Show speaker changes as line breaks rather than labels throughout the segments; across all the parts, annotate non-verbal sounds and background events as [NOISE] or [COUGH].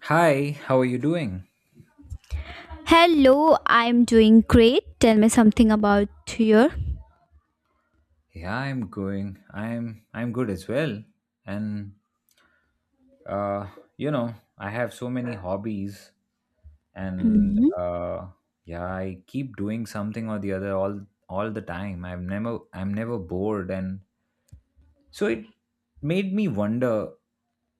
Hi, how are you doing?
Hello, I'm doing great. Tell me something about your.
Yeah, I'm going. I'm good as well. And uh, I have so many hobbies and
Mhm.
uh yeah, I keep doing something or the other all the time. I'm never bored. And so it made me wonder,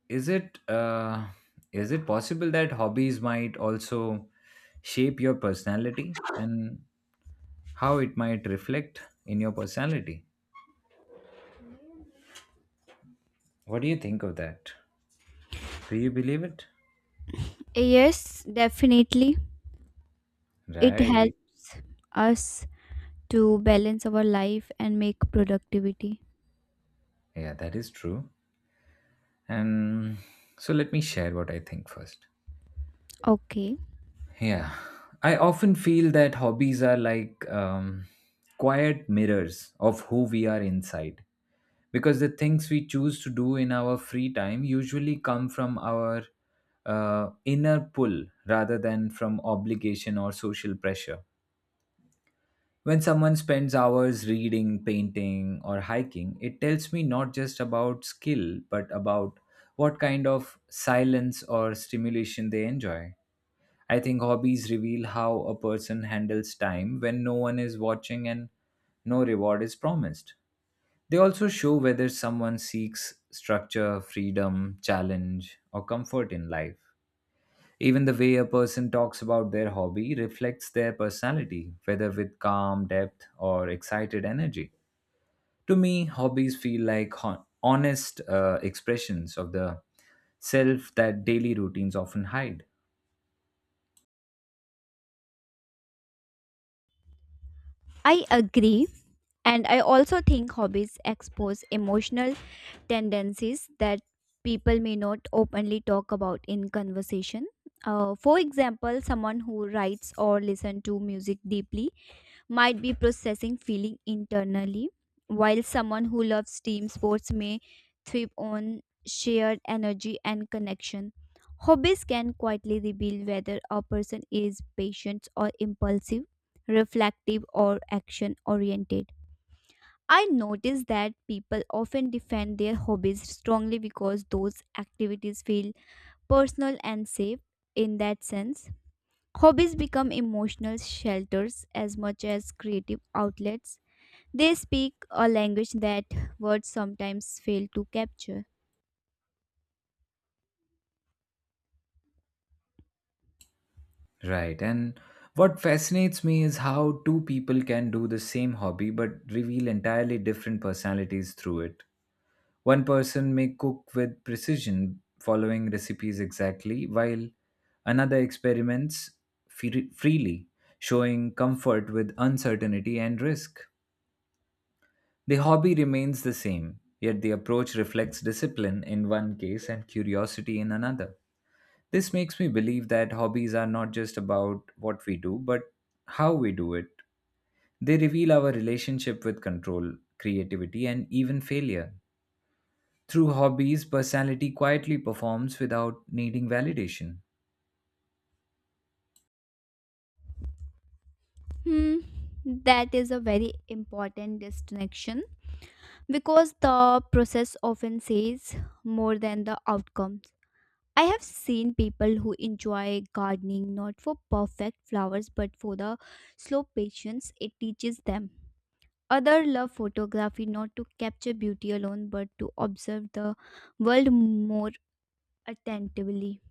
is it uh is it possible that hobbies might also shape your personality, and how it might reflect in your personality? What do you think of that? Do you believe it?
Yes, definitely. It
Right.
helps us to balance our life and make productivity.
Yeah, that is true. And so let me share what I think first.
Okay,
Yeah. I often feel that hobbies are like quiet mirrors of who we are inside, because the things we choose to do in our free time usually come from our inner pull rather than from obligation or social pressure. When someone spends hours reading, painting, or hiking, it tells me not just about skill, but about what kind of silence or stimulation they enjoy. I think hobbies reveal how a person handles time when no one is watching and no reward is promised. They also show whether someone seeks structure, freedom, challenge, or comfort in life. Even the way a person talks about their hobby reflects their personality, whether with calm depth or excited energy. To me, hobbies feel like honest expressions of the self that daily routines often hide.
I agree. And I also think hobbies expose emotional tendencies that people may not openly talk about in conversation. For example, someone who writes or listens to music deeply might be processing feeling internally, while someone who loves team sports may thrive on shared energy and connection. Hobbies can quietly reveal whether a person is patient or impulsive, reflective or action oriented. I notice that people often defend their hobbies strongly because those activities feel personal and safe in that sense. Hobbies become emotional shelters as much as creative outlets, they speak a language that words sometimes fail to capture.
Right, and what fascinates me is how two people can do the same hobby but reveal entirely different personalities through it. One person may cook with precision, following recipes exactly, while another experiments freely, showing comfort with uncertainty and risk. The hobby remains the same, yet the approach reflects discipline in one case and curiosity in another. This makes me believe that hobbies are not just about what we do, but how we do it. They reveal our relationship with control, creativity, and even failure. Through hobbies, personality quietly performs without needing validation.
Hmm, that is a very important distinction because the process often says more than the outcomes. I have seen people who enjoy gardening not for perfect flowers but for the slow patience it teaches them. Others love photography not to capture beauty alone but to observe the world more attentively.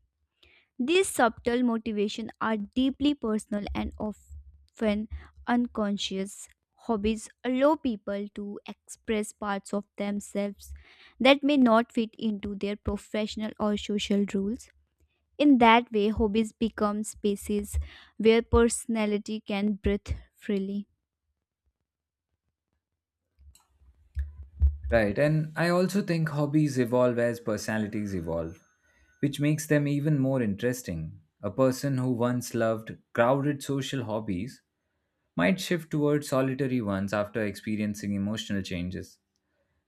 These subtle motivations are deeply personal and often unconscious. Hobbies allow people to express parts of themselves that may not fit into their professional or social roles. In that way, hobbies become spaces where personality can breathe freely.
Right, and I also think hobbies evolve as personalities evolve, which makes them even more interesting. A person who once loved crowded social hobbies might shift towards solitary ones after experiencing emotional changes.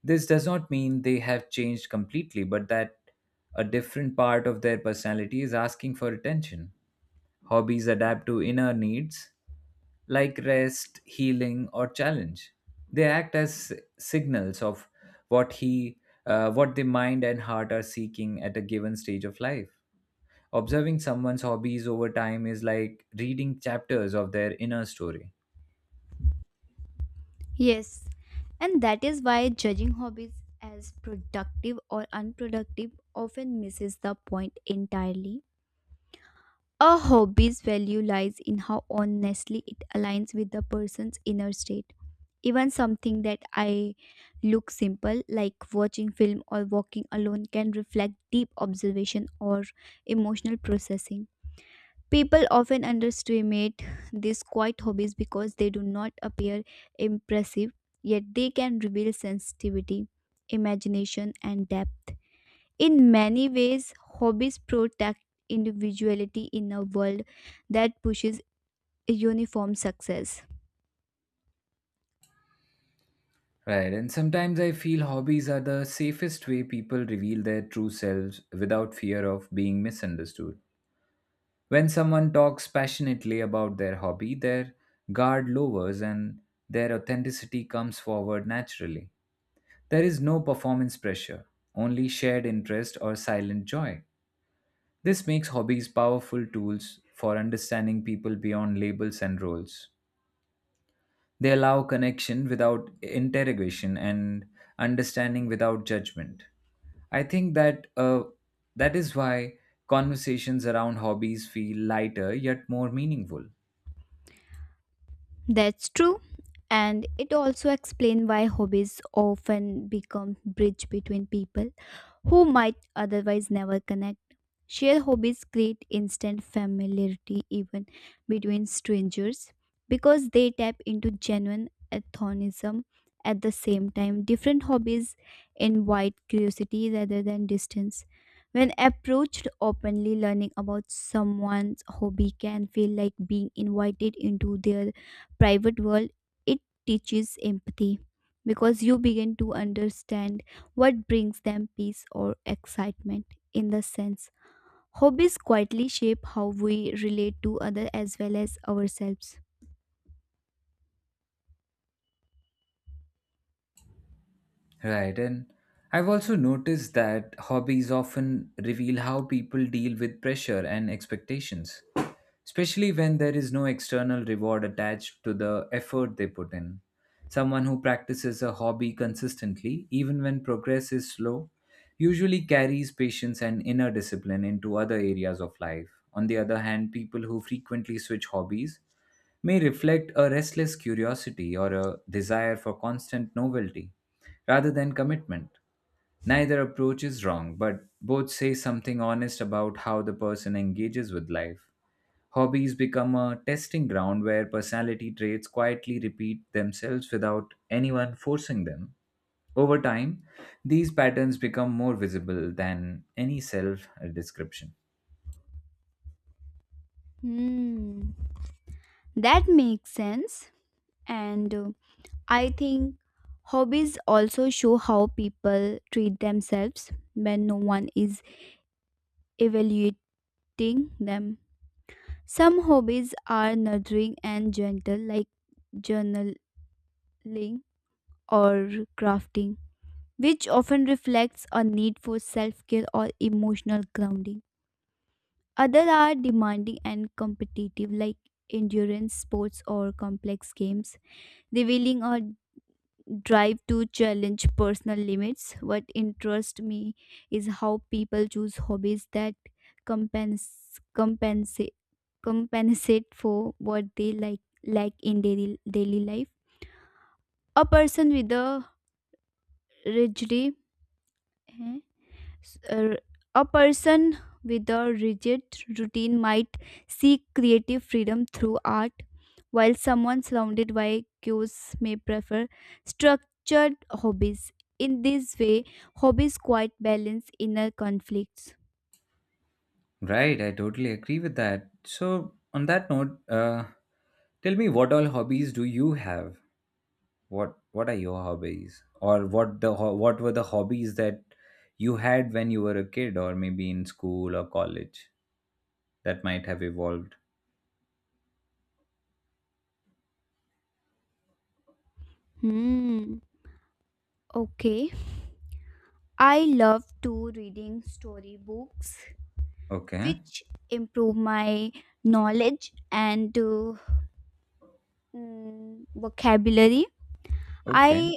This does not mean they have changed completely, but that a different part of their personality is asking for attention. Hobbies adapt to inner needs like rest, healing, or challenge. They act as signals of what he, what the mind and heart are seeking at a given stage of life. Observing someone's hobbies over time is like reading chapters of their inner story.
Yes, and that is why judging hobbies as productive or unproductive often misses the point entirely. A hobby's value lies in how honestly it aligns with the person's inner state. Even something that I look simple, like watching film or walking alone, can reflect deep observation or emotional processing. People often underestimate these quiet hobbies because they do not appear impressive, yet they can reveal sensitivity, imagination, and depth. In many ways, hobbies protect individuality in a world that pushes uniform success.
Right, and sometimes I feel hobbies are the safest way people reveal their true selves without fear of being misunderstood. When someone talks passionately about their hobby, their guard lowers and their authenticity comes forward naturally. There is no performance pressure, only shared interest or silent joy. This makes hobbies powerful tools for understanding people beyond labels and roles. They allow connection without interrogation and understanding without judgment. I think that that is why conversations around hobbies feel lighter yet more meaningful.
That's true. And it also explains why hobbies often become bridge between people who might otherwise never connect. Shared hobbies create instant familiarity even between strangers because they tap into genuine antagonism. At the same time, different hobbies invite curiosity rather than distance. When approached openly, learning about someone's hobby can feel like being invited into their private world. It teaches empathy because you begin to understand what brings them peace or excitement in the sense. Hobbies quietly shape how we relate to others as well as ourselves.
Right. And I've also noticed that hobbies often reveal how people deal with pressure and expectations, especially when there is no external reward attached to the effort they put in. Someone who practices a hobby consistently, even when progress is slow, usually carries patience and inner discipline into other areas of life. On the other hand, people who frequently switch hobbies may reflect a restless curiosity or a desire for constant novelty rather than commitment. Neither approach is wrong, but both say something honest about how the person engages with life. Hobbies become a testing ground where personality traits quietly repeat themselves without anyone forcing them. Over time, these patterns become more visible than any self description.
Hmm, that makes sense. And I think hobbies also show how people treat themselves when no one is evaluating them. Some hobbies are nurturing and gentle, like journaling or crafting, which often reflects a need for self care or emotional grounding. Others are demanding and competitive, like endurance sports or complex games, revealing a drive to challenge personal limits. What interests me is how people choose hobbies that compens- compensate compensate for what they like lack in daily life. A person with a rigidity S- uh, A person with a rigid routine might seek creative freedom through art, while someone surrounded by cues may prefer structured hobbies. In this way, hobbies quite balance inner conflicts.
Right, I totally agree with that. So, on that note, tell me what all hobbies do you have? What are your hobbies, or what were the hobbies that you had when you were a kid, or maybe in school or college that might have evolved?
Hmm. Okay. I love to reading storybooks,
Okay,
which improve my knowledge and vocabulary.
okay,
I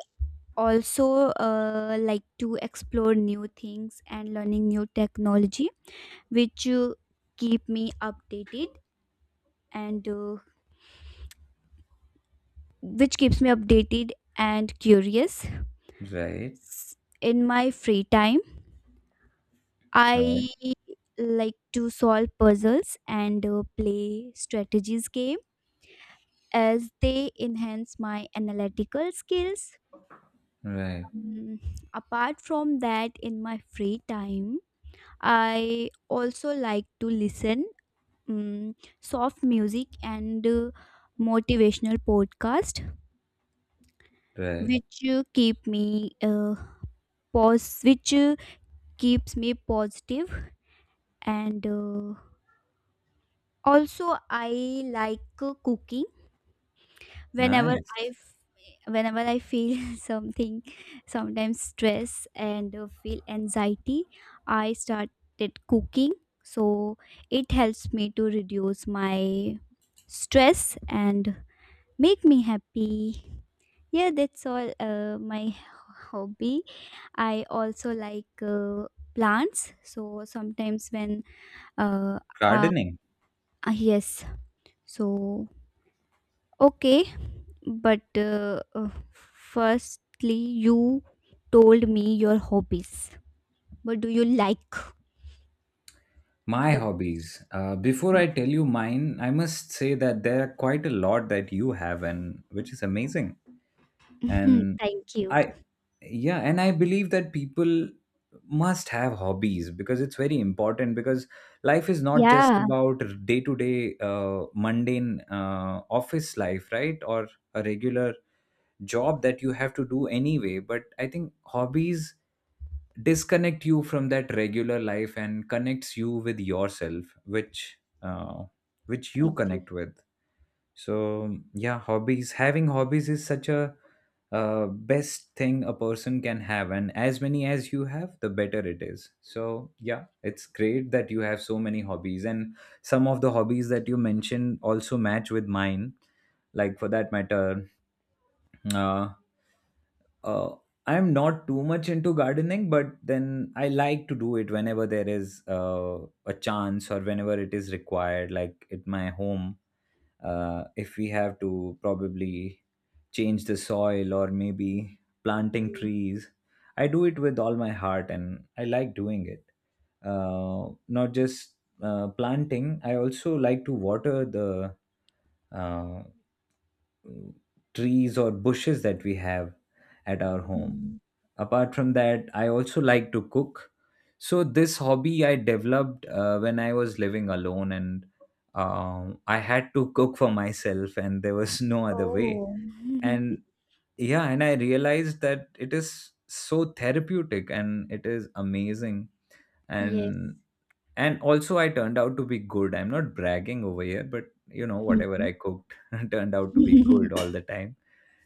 also like to explore new things and learning new technology which keep me updated and which keeps me updated and curious.
right,
S- in my free time I
right,
like to solve puzzles and play strategies game as they enhance my analytical skills.
right,
um, Apart from that, in my free time I also like to listen mm, soft music and motivational podcast
right.
which pause which uh, keeps me positive and also I like cooking. whenever
Nice.
i f- whenever I feel [LAUGHS] something, sometimes stress and feel anxiety, I started cooking, so it helps me to reduce my stress and make me happy. Yeah, that's all my hobby. I also like plants. So sometimes when uh, uh,
Gardening.
yes. So okay, but firstly you told me your hobbies. What do you like?
My
The
hobbies. Before I tell you mine, I must say that there are quite a lot that you have, and which is amazing. And
[LAUGHS] Thank you.
I yeah, and I believe that people must have hobbies because it's very important, because life is not just
Yeah,
about day to day mundane office life, right? Or a regular job that you have to do anyway. But I think hobbies disconnect you from that regular life and connects you with yourself, which you
I do.
connect with. So yeah, hobbies. Having hobbies is such a best thing a person can have, and as many as you have, the better it is. So yeah, it's great that you have so many hobbies, and some of the hobbies that you mentioned also match with mine. Like for that matter, uh, uh, I'm not too much into gardening, but then I like to do it whenever there is a chance or whenever it is required, like at my home, if we have to probably change the soil or maybe planting
Mm.
trees. I do it with all my heart and I like doing it. Not just planting, I also like to water the uh, trees or bushes that we have at our home.
Mm.
Apart from that, I also like to cook. So this hobby I developed when I was living alone and I had to cook for myself [LAUGHS] and there was [LAUGHS] no other way.
Oh, [LAUGHS]
And yeah, and I realized that it is so therapeutic and it is amazing.
yes.
And and also I turned out to be good. I'm not bragging over here, but you know, whatever I cooked [LAUGHS] turned out to be good all
[LAUGHS]
the time.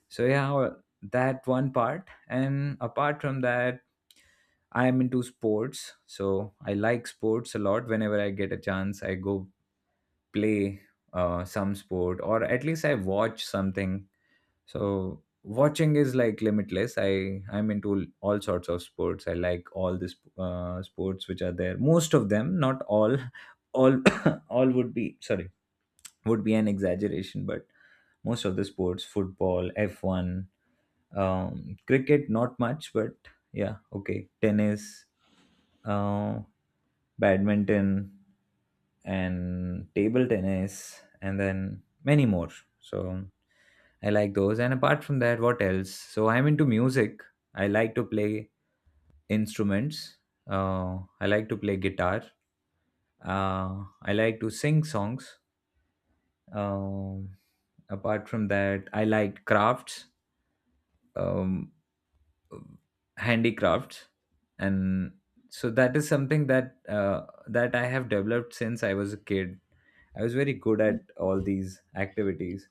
So yeah, well, that one part. And apart from that, I am into sports. So I like sports a lot. Whenever I get a chance, I go play some sport, or at least I watch something. So watching is like limitless. I'm into all sorts of sports. I like all the sports which are there. Most of them, not all. [COUGHS] All [COUGHS] all would be, sorry, would be an exaggeration, but most of the sports: football, F1, cricket not much, but yeah, okay, tennis, uh, badminton and table tennis, and then many more. So I like those. And apart from that, what else? So I'm into music. I like to play instruments. I like to play guitar. I like to sing songs. um, Apart from that, I like crafts, um, handicrafts. And so that is something that that I have developed since I was a kid. I was very good at
[LAUGHS]
all these activities.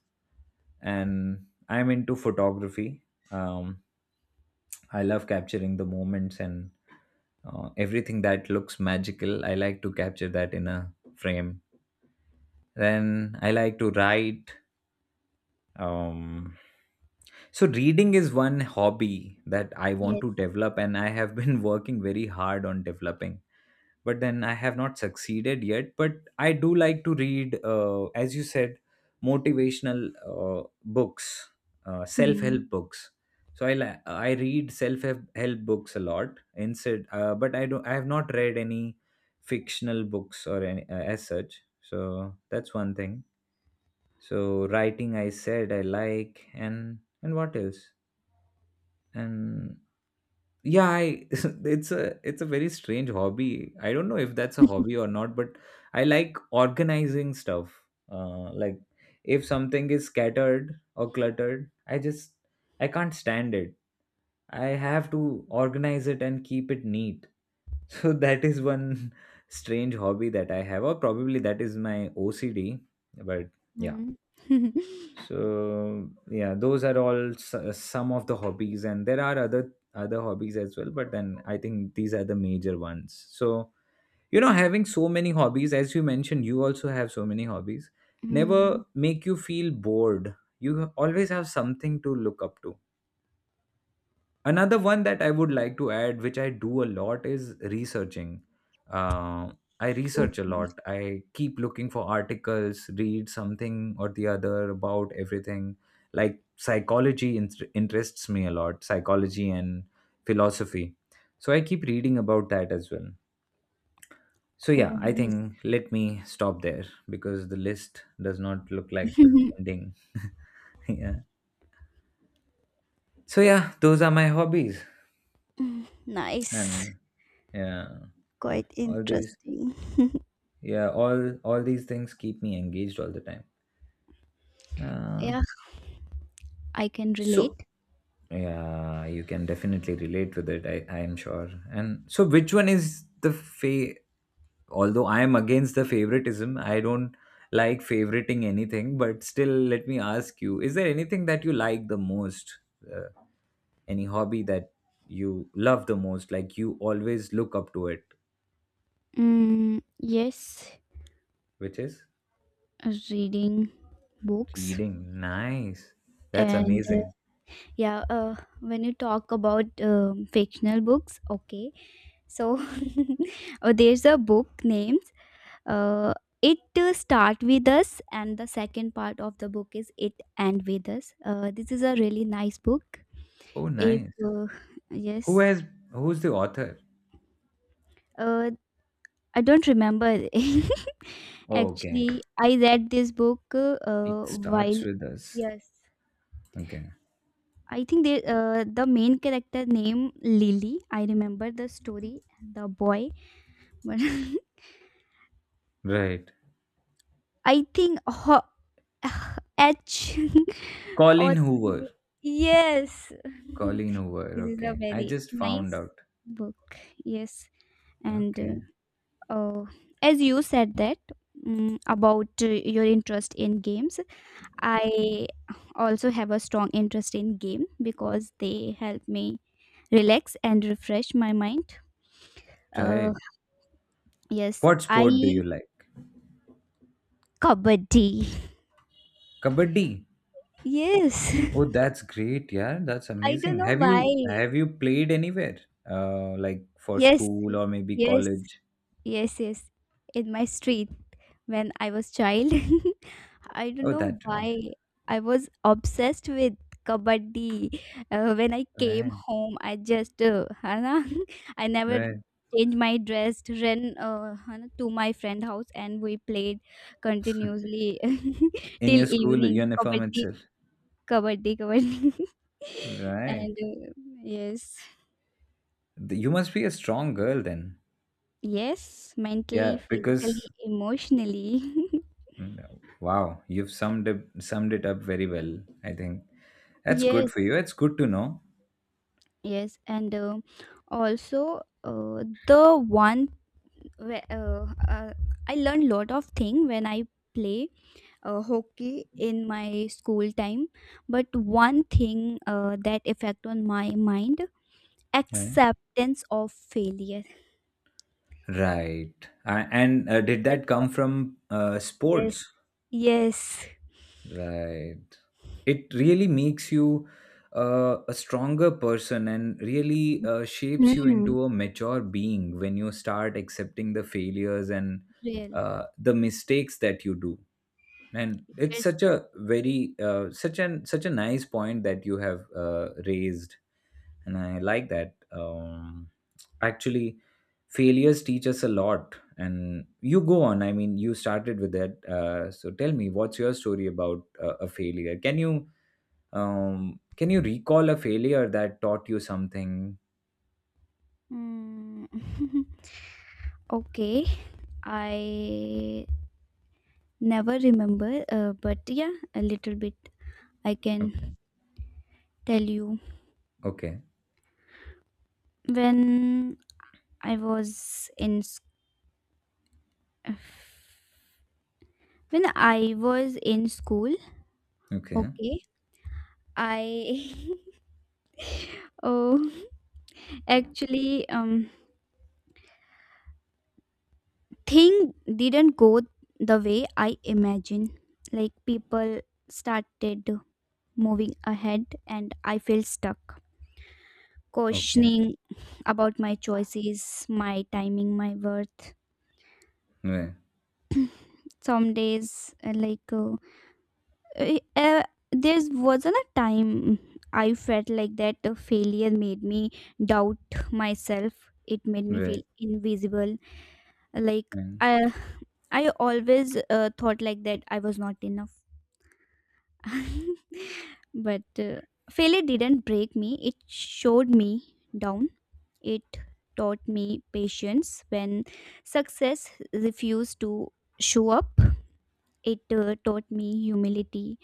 And I'm into photography. um, I love capturing the moments, and everything that looks magical I like to capture that in a frame. Then I like to write. um, so reading is one hobby that I want
yes.
to develop, and I have been [LAUGHS] working very hard on developing, but then I have not succeeded yet. But I do like to read, as you said, motivational uh, books, self
Mhm,
help books. So I read self help books a lot instead. But I have not read any fictional books or any as such. So that's one thing. So writing, I said, I like. And what else? And yeah, I [LAUGHS] it's a very strange hobby, I don't know if that's a hobby or not, but I like organizing stuff. Like, if something is scattered or cluttered, I can't stand it. I have to organize it and keep it neat. [LAUGHS] So that is one [LAUGHS] strange hobby that I have, or probably that is my ocd. But yeah.
mhm. [LAUGHS]
So yeah, those are all some of the hobbies, and there are other hobbies as well, but then I think these are the major ones. So, you know, having so many hobbies, as you mentioned, you also have so many hobbies,
Hmm.
never make you feel bored. You always have something to look up to. Another one that I would like to add, which I do a lot, is researching. uh, I research a
Okay.
lot. I keep looking for articles, read something or the other about everything. Like psychology interests me a lot, psychology and philosophy. So I keep reading about that as well. So yeah,
Oh,
I
nice.
think let me stop there because the list does not look like
[LAUGHS]
ending. [LAUGHS] Yeah. So yeah, those are my hobbies.
Nice.
And yeah,
Quite
all these,
interesting.
yeah, all these things keep me engaged all the time. uh,
Yeah, I can
so
relate.
yeah, you can definitely relate with it, I am sure. And so which one is the fa, although I am against the favoritism, I don't like favoriting anything, but still, let me ask you, is there anything that you like the most? uh, any hobby that you love the most, like you always look up to it,
Mm, yes,
which is?
reading books.
Reading, nice. That's
And
amazing.
yeah, when you talk about fictional books, okay. So [LAUGHS] there's a book names uh, It to Start With Us, and the second part of the book is It End With Us. This is a really nice book.
Oh,
If
nice. who
yes,
has who's the author?
uh, I don't remember. [LAUGHS]
Okay.
Actually, I read this book
It
while
starts with us.
yes,
Okay.
I think they the main character name Lily. I remember the story, the boy, but
Right.
[LAUGHS] I think ho- [LAUGHS] H [LAUGHS] or
Colin Hoover.
yes, [LAUGHS]
Colin Hoover.
this is a
Okay. I
very
just found
nice
out.
book. Yes, and.
Okay.
Uh, as you said that, about your interest in games, I also have a strong interest in game because they help me relax and refresh my mind. uh,
Right.
yes,
What sport do
I
you like?
kabaddi.
Kabaddi.
[LAUGHS] Yes.
Oh, that's great. Yeah, that's
[LAUGHS] I don't
amazing.
know
Have
why.
you have you played anywhere? Like for
Yes,
school or maybe
yes,
college?
yes, yes, in my street when I was child. [LAUGHS] I don't
Oh,
know
that way.
why I was obsessed with kabaddi. When I came
Right.
home, I just है ना, [LAUGHS] I never
Right.
changed my dress, ran है ना, to my friend house, and we played continuously [LAUGHS]
In
till
your school
evening.
uniform
Kabaddi,
itself.
kabaddi, kabaddi, [LAUGHS]
Right.
and yes,
You must be a strong girl then.
yes, mentally,
Yeah,
physically,
because.
emotionally,
Wow, you've summed it up very well. I think that's
[LAUGHS]
good
yes,
for you. It's good to know.
yes, and. Also whe- uh, uh, I learned lot of thing when I play hockey in my school time. But one thing that effect on my mind,
Yeah.
acceptance of failure.
Right. And did
That
that
was,
come from
yes,
sports?
yes,
Right. It really makes you a stronger person and really shapes you
Mm.
into a mature being when you start accepting the failures and
Real.
the mistakes that you do. And it's
Yes.
such a very, such a nice point that you have raised, and I like that. Actually, failures teach us a lot, and you go on, I mean, you started with that. So tell me, what's your story about, a failure? Can you, can you recall a failure that taught you something?
Mm. [LAUGHS] Okay, I never remember. But yeah, a little bit I
Okay.
can tell you.
Okay.
when I was in When I was in school,
Okay.
okay, I [LAUGHS] oh, actually thing didn't go the way I imagined. Like people started moving ahead and I felt stuck,
Okay.
questioning about my choices, my timing, my worth.
Right.
Some days uh, uh, there wasn't a time I felt like that failure made me doubt myself. It made me feel
Right.
invisible. Like
Right.
I, I always thought like that I was not enough. [LAUGHS] But failure didn't break me. It showed me down. It taught me patience when success refused to show up. It taught me humility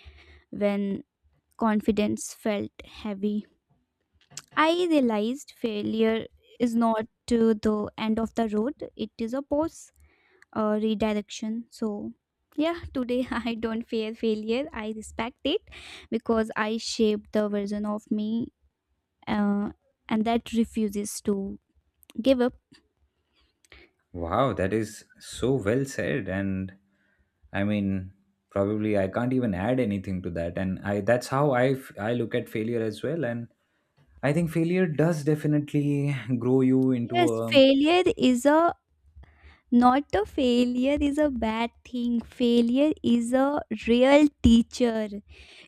when confidence felt heavy. I realized failure is not to the end of the road, it is a pause, a redirection. So, yeah, today [LAUGHS] I don't fear failure, I respect it because I shaped the version of me uh, and that refuses to give up.
Wow, that is so well said. And I mean, probably I can't even add anything to that. And I that's how I look at failure as well. And I think failure does definitely [LAUGHS] grow you into
Yes,
a.
failure is a Not a failure is a bad thing. Failure is a real teacher.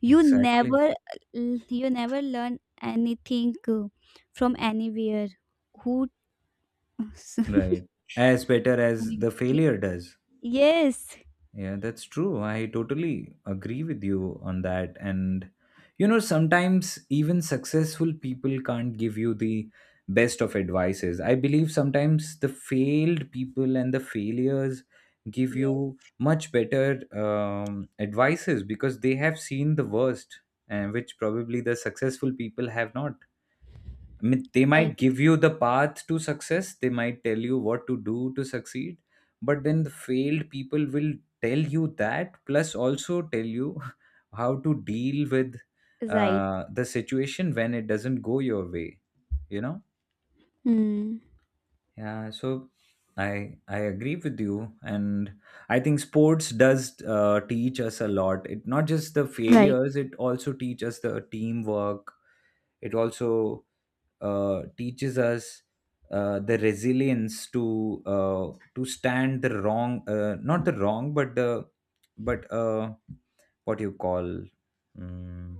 You
Exactly.
never you never learn anything from anywhere. Who [LAUGHS]
Right. As better as the failure does.
Yes.
Yeah, that's true. I totally agree with you on that. And, you know, sometimes even successful people can't give you the best of advices. I believe sometimes the failed people and the failures give
Yes,
you much better advices, because they have seen the worst, and which probably the successful people have not. I mean, they
right.
might give you the path to success, they might tell you what to do to succeed, but then the failed people will tell you that, plus also tell you [LAUGHS] how to deal with
Right.
the situation when it doesn't go your way, you know?
Hmm.
Yeah, so I agree with you, and I think sports does teach us a lot. It not just the
Right.
failures, it also teaches us the teamwork. It also teaches us the resilience to stand the wrong, not the wrong, but the, but what you call. mm,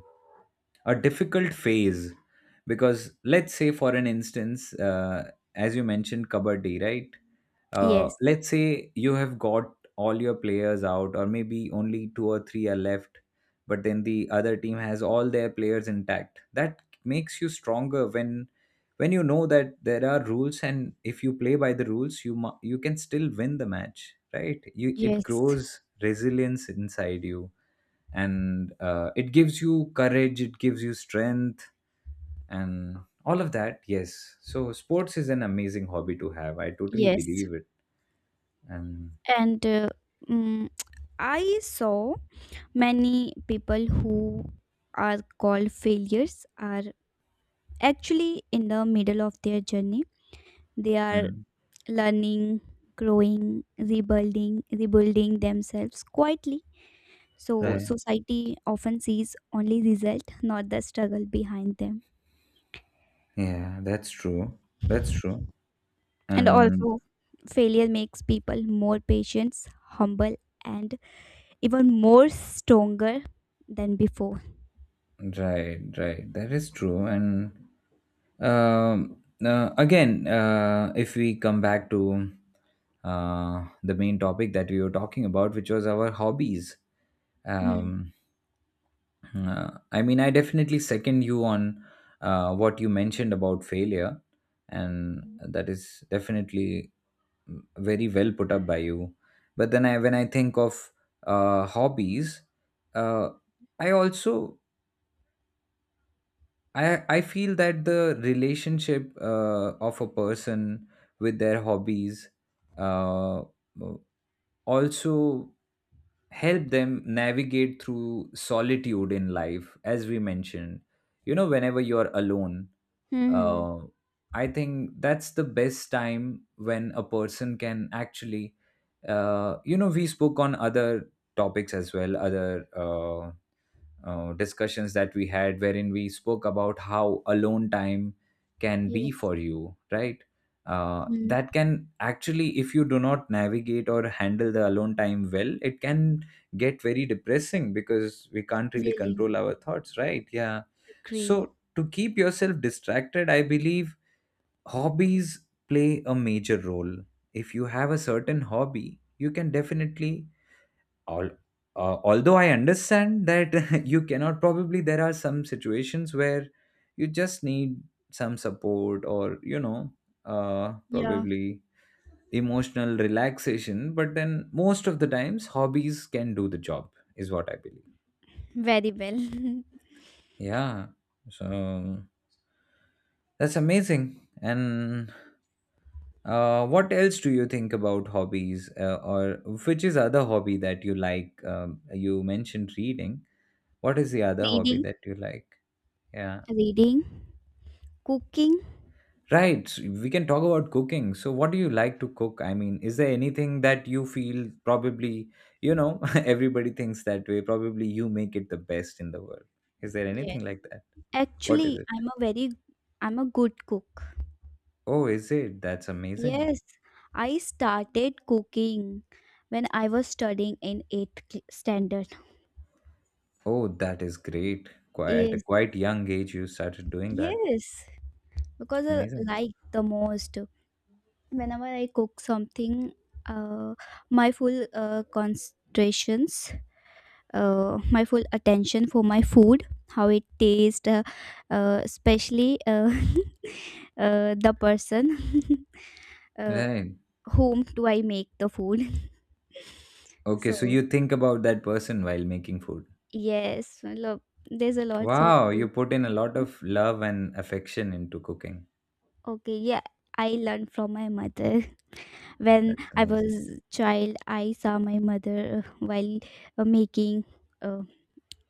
a difficult phase, because let's say, for an instance, as you mentioned, kabaddi, right?
Yes.
Let's say you have got all your players out, or maybe only two or three are left, but then the other team has all their players intact. That makes you stronger when you know that there are rules, and if you play by the rules, you can still win the match, right? You, it
Yes.
grows resilience inside you, and it gives you courage, it gives you strength, and all of that. Yes, so sports is an amazing hobby to have, I totally
Yes.
believe it. And,
And mm, I saw many people who are called failures are actually in the middle of their journey. They are
and-
learning, growing, rebuilding themselves quietly, so
right.
society often sees only result, not the struggle behind them.
Yeah, that's true. That's true.
And
And,
also failure makes people more patient, humble, and even more stronger than before.
right, right, that is true. And, again, if we come back to the main topic that we were talking about, which was our hobbies.
Mm.
um, I mean, I definitely second you on what you mentioned about failure, and that is definitely very well put up by you. But then, I when I think of hobbies, uh, I also I feel that the relationship of a person with their hobbies uh, also help them navigate through solitude in life, as we mentioned. You know, whenever you're alone,
Mm-hmm.
uh, I think that's the best time when a person can actually, you know, we spoke on other topics as well, other discussions that we had, wherein we spoke about how alone time can be
Yes.
for you, right?
Mm.
That can actually, if you do not navigate or handle the alone time well, it can get very depressing, because we can't really
Really
control our thoughts, right? Yeah.
agree.
So to keep yourself distracted, I believe hobbies play a major role. If you have a certain hobby, you can definitely all although I understand that [LAUGHS] you cannot, probably there are some situations where you just need some support, or
Yeah,
probably emotional relaxation. But then, most of the times, hobbies can do the job, is what I believe.
very well. [LAUGHS]
Yeah. So that's amazing. And, what else do you think about hobbies, or which is other hobby that you like? You mentioned reading. What is the other hobby
Reading,
that you like? Yeah.
reading, cooking.
Right. So, we can talk about cooking. So, what do you like to cook? I mean, is there anything that you feel, probably, you know, [LAUGHS] everybody thinks that way, probably you make it the best in the world? Is there
Yes.
anything like that? What is
Actually,
it?
I'm a very I'm a good cook.
Oh, is it? That's amazing.
Yes, I started cooking when I was studying in 8th cl- standard.
Oh, that is great. Quite, at a
Yes.
quite young age, you started doing that.
Yes, because I
Amazing.
like the most. Whenever I cook something, uh, my full concentrations, my full attention for my food, how it tastes, especially [LAUGHS] the person. [LAUGHS] Uh,
Right.
whom do I make the food? [LAUGHS]
Okay.
So
So, you think about that person while making food.
yes, look, there's a lots of
Wow. You
thing.
put in a lot of love and affection into cooking.
Okay, yeah, I learned from my mother. When
That's
I
amazing.
was child, I saw my mother while making uh,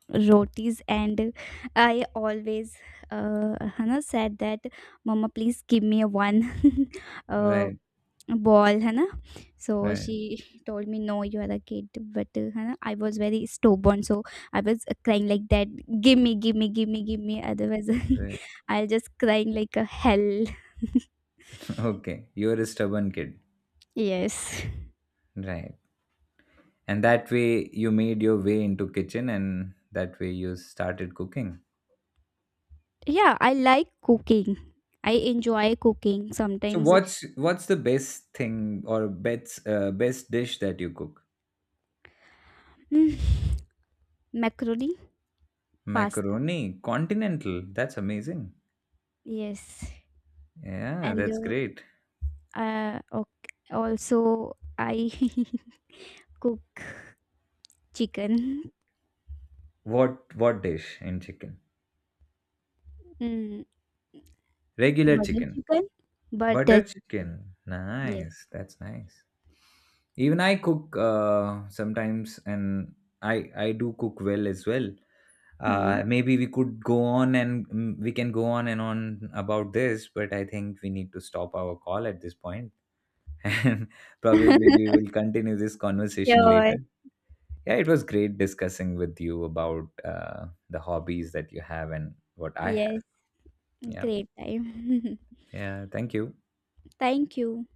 rotis, and I always Hannah said that, "Mama, please give me a one." [LAUGHS] Uh,
Right,
ball, है ना? So
right,
she [LAUGHS] told me, "No, you are a kid." But, है ना, I was very stubborn, so I was crying like that, "Give me, give me, give me, give me." Otherwise, [LAUGHS]
right.
I'll just crying like a hell.
[LAUGHS] Okay, you're a stubborn kid.
Yes.
Right. And that way you made your way into kitchen, and that way you started cooking.
Yeah, I like cooking. I enjoy cooking
So
sometimes.
what's the best thing, or best, best dish that you cook?
Mm, macaroni, pasta.
Macaroni, continental. That's amazing.
Yes.
Yeah, that's
And
great.
uh, uh, ok- also I [LAUGHS] cook chicken.
What dish in chicken?
Mm.
Regular
Butter
chicken.
chicken? Butter
Butter
chicken.
chicken.
Yes.
Nice. That's nice. Even I cook, sometimes, and I do cook well as well.
Hmm.
Maybe we could go on, and we can go on and on about this, but I think we need to stop our call at this point. [LAUGHS] And probably we
[LAUGHS]
will continue this conversation
Sure.
later. Yeah, it was great discussing with you about the hobbies that you have and what I have.
Yes.
Yeah.
Great time.
Yeah, thank you.
[LAUGHS] Thank you.